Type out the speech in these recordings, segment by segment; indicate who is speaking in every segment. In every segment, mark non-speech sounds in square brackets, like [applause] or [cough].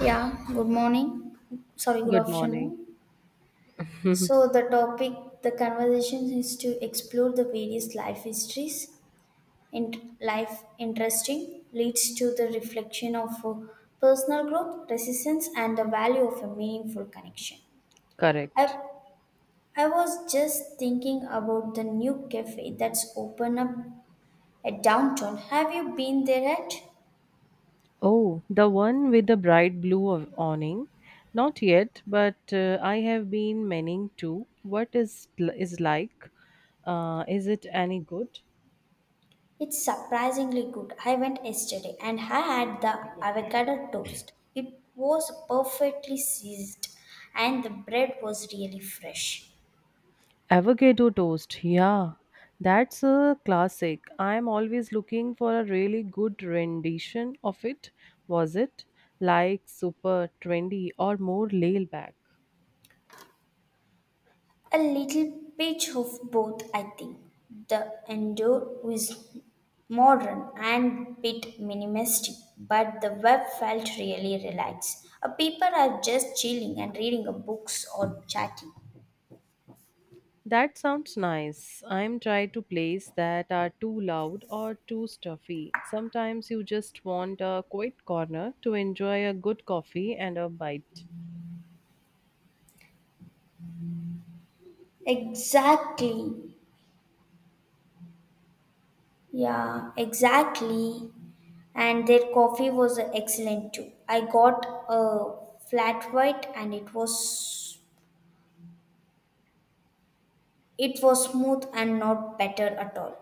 Speaker 1: Yeah, good morning. Sorry, good
Speaker 2: Good morning.
Speaker 1: afternoon.
Speaker 2: [laughs]
Speaker 1: So, the topic, the conversation is to explore the various life histories and life interesting leads to the reflection of personal growth, resistance, and the value of a meaningful connection. I,
Speaker 2: Correct.
Speaker 1: I was just thinking about the new cafe that's open up at downtown. Have you been there yet?
Speaker 2: Oh, the one with the bright blue awning? Not yet, but I have been meaning to. What is is like? Is it any good?
Speaker 1: It's surprisingly good. I went yesterday and I had the avocado toast. It was perfectly seasoned and the bread was really fresh.
Speaker 2: Avocado toast. Yeah, that's a classic. I'm always looking for a really good rendition of it. Was it like super trendy or more laid back?
Speaker 1: A little bit of both, I think. The endure is modern and bit minimalistic, but the web felt really relaxed. People are just chilling and reading a books or chatting.
Speaker 2: That sounds nice. I'm trying to plays that are too loud or too stuffy. Sometimes you just want a quiet corner to enjoy a good coffee and a bite.
Speaker 1: Exactly. Yeah, exactly. And their coffee was excellent too. I got a flat white and it was smooth and not better at all.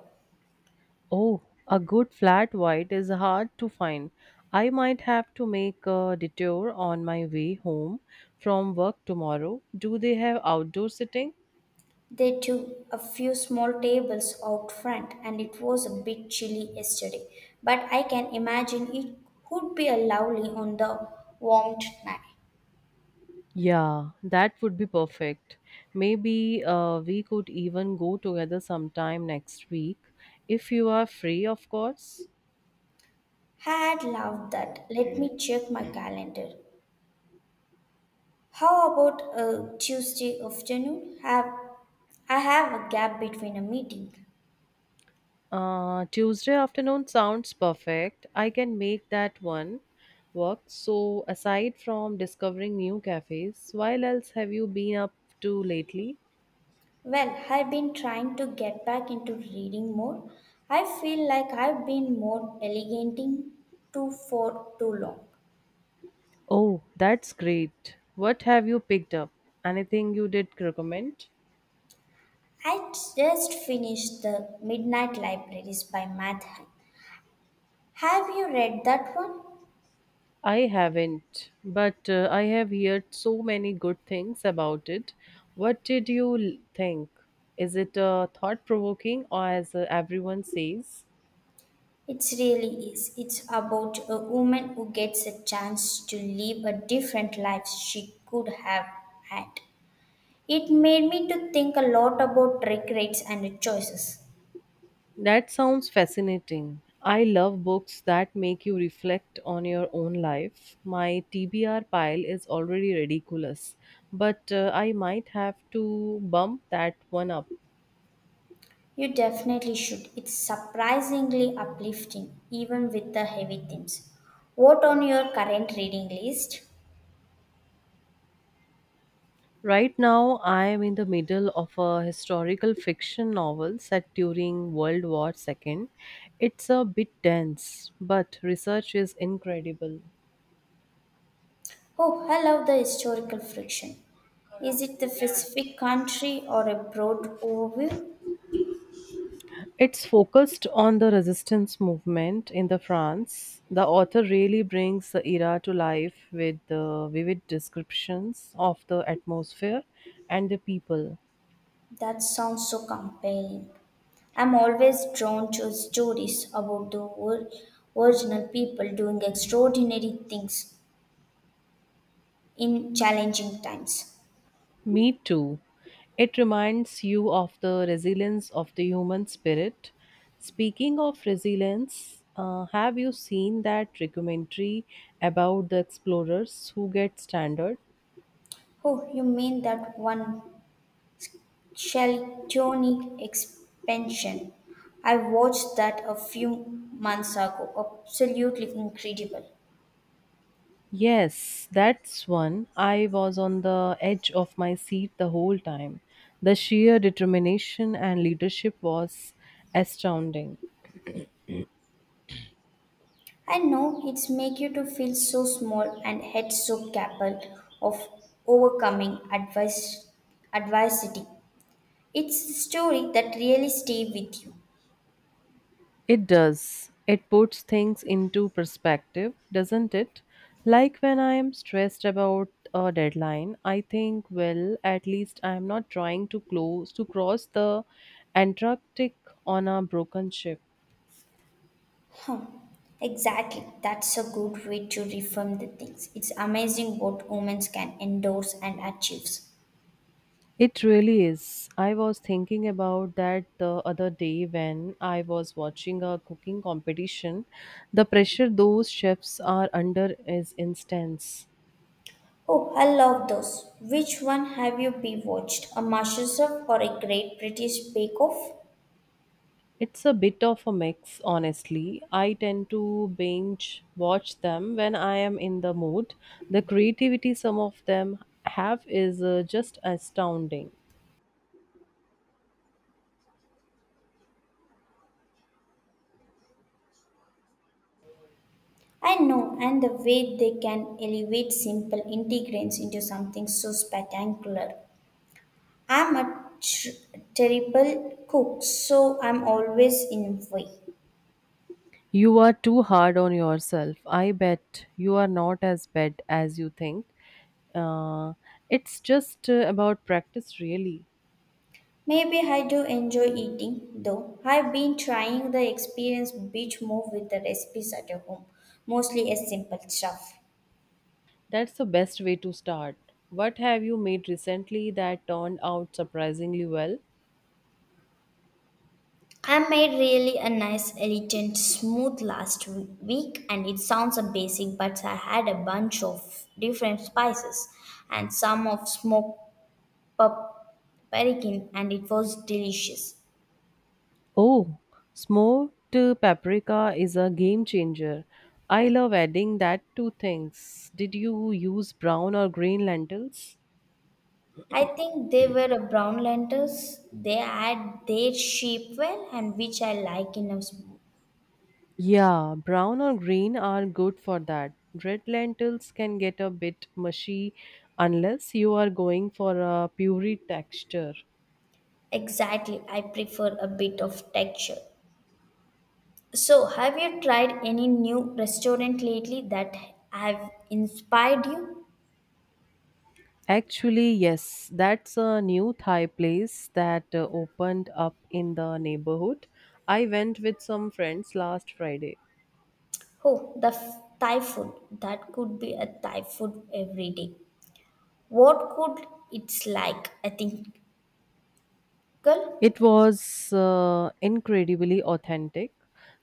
Speaker 2: Oh, a good flat white is hard to find. I might have to make a detour on my way home from work tomorrow. Do they have outdoor sitting?
Speaker 1: They took a few small tables out front and it was a bit chilly yesterday, but I can imagine it would be a lovely on the warmed night.
Speaker 2: Yeah, that would be perfect. Maybe we could even go together sometime next week if you are free, of course.
Speaker 1: Had loved that. Let me check my calendar. How about a Tuesday afternoon? Have I have a gap between a meeting.
Speaker 2: Tuesday afternoon sounds perfect. I can make that one work. So, aside from discovering new cafes, while else have you been up to lately?
Speaker 1: Well, I've been trying to get back into reading more. I feel like I've been more delegating to for too long.
Speaker 2: Oh, that's great. What have you picked up? Anything you did recommend?
Speaker 1: I just finished The Midnight Libraries by Matt Haig. Have you read that one?
Speaker 2: I haven't, but I have heard so many good things about it. What did you think? Is it thought provoking, or as everyone says?
Speaker 1: It really is. It's about a woman who gets a chance to live a different life she could have had. It made me to think a lot about regrets and choices.
Speaker 2: That sounds fascinating. I love books that make you reflect on your own life. My TBR pile is already ridiculous, but I might have to bump that one up.
Speaker 1: You definitely should. It's surprisingly uplifting, even with the heavy themes. What on your current reading list?
Speaker 2: Right now, I am in the middle of a historical fiction novel set during World War II. It's a bit dense, but research is incredible.
Speaker 1: Oh, I love the historical fiction. Is it the specific country or a broad overview?
Speaker 2: It's focused on the resistance movement in the France. The author really brings the era to life with the vivid descriptions of the atmosphere and the people.
Speaker 1: That sounds so compelling. I'm always drawn to stories about original people doing extraordinary things in challenging times.
Speaker 2: Me too. It reminds you of the resilience of the human spirit. Speaking of resilience, have you seen that documentary about the explorers who get stranded?
Speaker 1: Oh, you mean that one Cheltonic expansion? I watched that a few months ago. Absolutely incredible.
Speaker 2: Yes, that's one. I was on the edge of my seat the whole time. The sheer determination and leadership was astounding.
Speaker 1: I know it's make you to feel so small and head so capable of overcoming adversity. It's a story that really stay with you.
Speaker 2: It does. It puts things into perspective, doesn't it? Like when I am stressed about a deadline, I think, well, at least I am not trying to close to cross the Antarctic on a broken ship.
Speaker 1: Huh. Exactly. That's a good way to reframe the things. It's amazing what women can endorse and achieves.
Speaker 2: It really is. I was thinking about that the other day when I was watching a cooking competition. The pressure those chefs are under is intense.
Speaker 1: Oh, I love those. Which one have you be watched? A MasterChef or a Great British Bake Off?
Speaker 2: It's a bit of a mix, honestly. I tend to binge watch them when I am in the mood. The creativity some of them have is just astounding.
Speaker 1: I know, and the way they can elevate simple ingredients into something so spectacular. I'm a tr- terrible cook, so I'm always in way.
Speaker 2: You are too hard on yourself. I bet you are not as bad as you think. Uh, it's just about practice, really.
Speaker 1: Maybe I do enjoy eating, though. I've been trying the experience bit more with the recipes at home, mostly as simple stuff.
Speaker 2: That's the best way to start. What have you made recently that turned out surprisingly well?
Speaker 1: I made really a nice elegant smooth last week and it sounds a basic but I had a bunch of different spices and some of smoked pap- paprika and it was delicious.
Speaker 2: Oh, smoked paprika is a game changer. I love adding that to things. Did you use brown or green lentils?
Speaker 1: I think they were a brown lentils. They had their shape well and which I like in a sm-
Speaker 2: Yeah, brown or green are good for that. Red lentils can get a bit mushy unless you are going for a puree texture.
Speaker 1: exactly I prefer a bit of texture. So have you tried any new restaurant lately that have inspired you?
Speaker 2: Actually, yes, that's a new Thai place that opened up in the neighborhood. I went with some friends last Friday.
Speaker 1: Oh, Thai food. That could be a Thai food every day. What could it's like? I think,
Speaker 2: It
Speaker 1: girl,
Speaker 2: was incredibly authentic.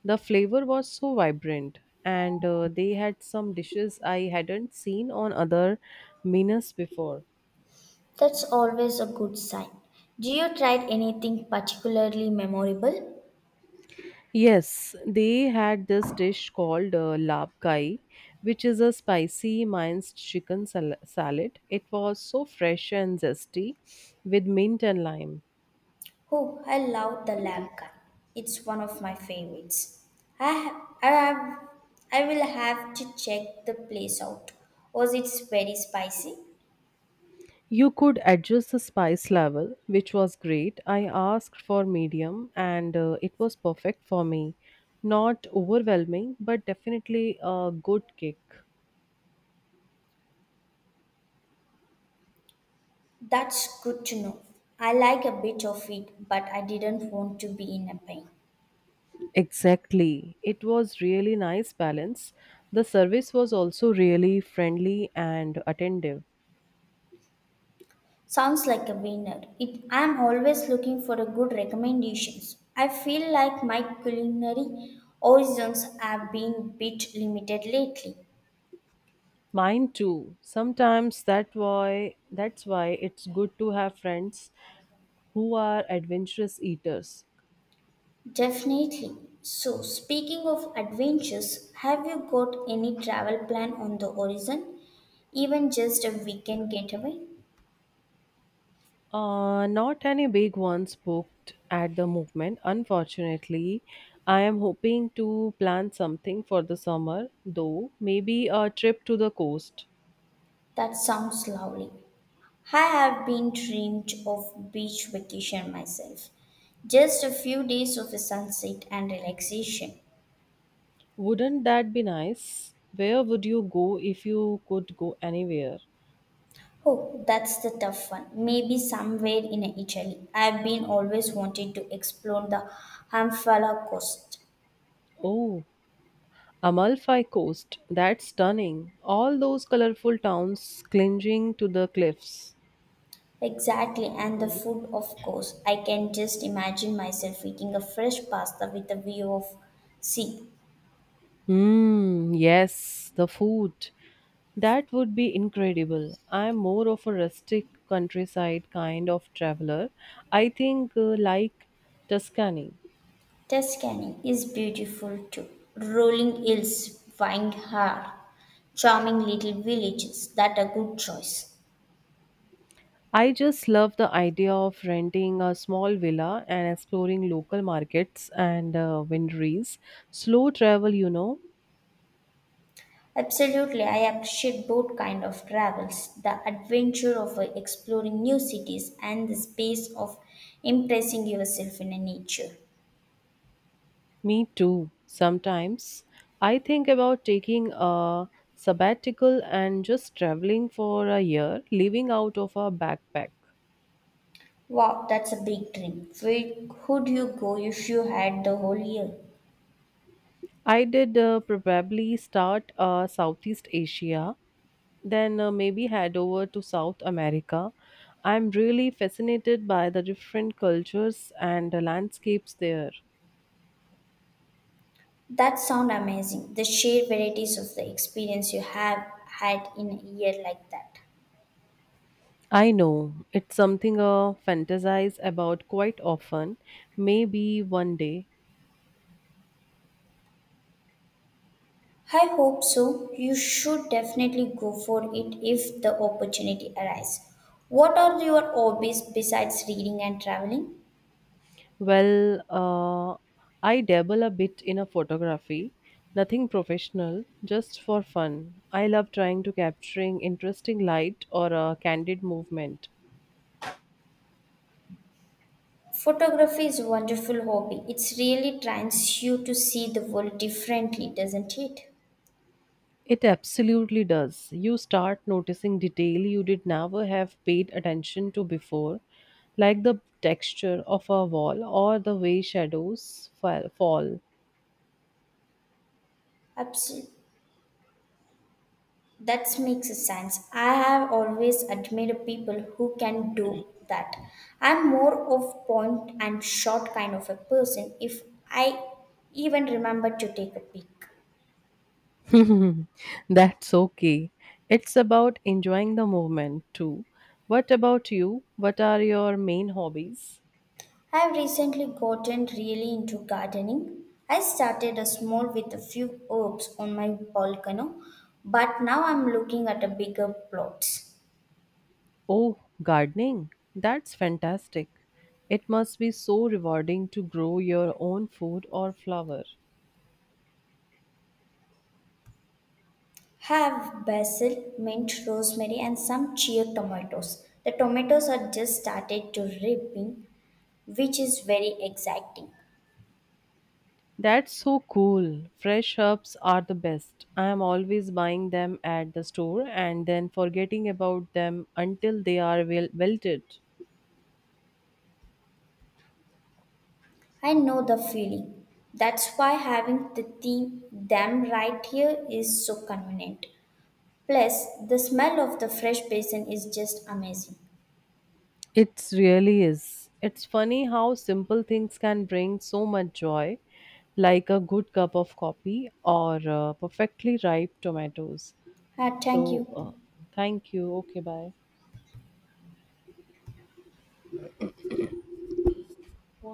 Speaker 2: The flavor was so vibrant, and they had some dishes I hadn't seen on other menus before.
Speaker 1: that's always a good sign. Do you try anything particularly memorable?
Speaker 2: Yes, they had this dish called lab kai, which is a spicy minced chicken salad. It was so fresh and zesty with mint and lime.
Speaker 1: Oh, I love the lab guy. It's one of my favorites. I ha- I have, I will have to check the place out. Was it very spicy?
Speaker 2: You could adjust the spice level, which was great. I asked for medium and it was perfect for me. Not overwhelming, but definitely a good kick.
Speaker 1: That's good to know. I like a bit of it, but I didn't want to be in a pain.
Speaker 2: Exactly. It was really nice balance. The service was also really friendly and attentive.
Speaker 1: Sounds like a winner. It, I'm always looking for a good recommendations. I feel like my culinary horizons have been bit limited lately.
Speaker 2: Mine too. Sometimes that why That's why it's good to have friends who are adventurous eaters.
Speaker 1: Definitely. So, speaking of adventures, have you got any travel plan on the horizon? Even just a weekend getaway?
Speaker 2: Not any big ones booked at the movement, unfortunately. I am hoping to plan something for the summer, though, maybe a trip to the coast.
Speaker 1: That sounds lovely. I have been dreamed of beach vacation myself. Just a few days of a sunset and relaxation.
Speaker 2: Wouldn't that be nice? Where would you go if you could go anywhere?
Speaker 1: Oh, that's the tough one. Maybe somewhere in Italy. I've been always wanted to explore the Amphala coast.
Speaker 2: Oh, Amalfi Coast, that's stunning. All those colorful towns clinging to the cliffs.
Speaker 1: Exactly, and the food, of course. I can just imagine myself eating a fresh pasta with a view of sea.
Speaker 2: Hmm, yes, the food. That would be incredible. I'm more of a rustic countryside kind of traveler. I think like Tuscany.
Speaker 1: Tuscany is beautiful too. Rolling hills, vineyards, charming little villages. That a good choice.
Speaker 2: I just love the idea of renting a small villa and exploring local markets and wineries. Slow travel, you know.
Speaker 1: Absolutely, I appreciate both kind of travels, the adventure of exploring new cities and the space of impressing yourself in a nature.
Speaker 2: Me too. Sometimes I think about taking a sabbatical and just traveling for a year, living out of a backpack.
Speaker 1: Wow, that's a big dream. Where could you go if you had the whole year?
Speaker 2: I did probably start Southeast Asia, then maybe head over to South America. I'm really fascinated by the different cultures and the landscapes there.
Speaker 1: That sounds amazing. The sheer varieties of the experience you have had in a year like that.
Speaker 2: I know it's something I fantasize about quite often. Maybe one day.
Speaker 1: I hope so. You should definitely go for it if the opportunity arises. What are your hobbies besides reading and traveling?
Speaker 2: Well, I dabble a bit in a photography, nothing professional, just for fun. I love trying to capturing interesting light or a candid movement.
Speaker 1: Photography is a wonderful hobby. It really trains you to see the world differently, doesn't it?
Speaker 2: It absolutely does. You start noticing detail you did never have paid attention to before, like the texture of a wall or the way shadows fall.
Speaker 1: Absolutely. That makes a sense. I have always admired people who can do that. I'm more of point and shot kind of a person if I even remember to take a peek.
Speaker 2: [laughs] That's okay. It's about enjoying the moment too. What about you? What are your main hobbies?
Speaker 1: I've recently gotten really into gardening. I started a small with a few herbs on my balcony, but now I'm looking at a bigger plots.
Speaker 2: Oh, gardening. That's fantastic. It must be so rewarding to grow your own food or flower.
Speaker 1: Have basil, mint, rosemary, and some cherry tomatoes. The tomatoes are just started to ripen, which is very exciting.
Speaker 2: That's so cool. Fresh herbs are the best. I am always buying them at the store and then forgetting about them until they are wilted.
Speaker 1: I know the feeling. That's why having the theme them right here is so convenient. Plus, the smell of the fresh basil is just amazing.
Speaker 2: It really is. It's funny how simple things can bring so much joy, like a good cup of coffee or perfectly ripe tomatoes.
Speaker 1: Ah, thank
Speaker 2: So,
Speaker 1: you.
Speaker 2: thank you. Okay, bye.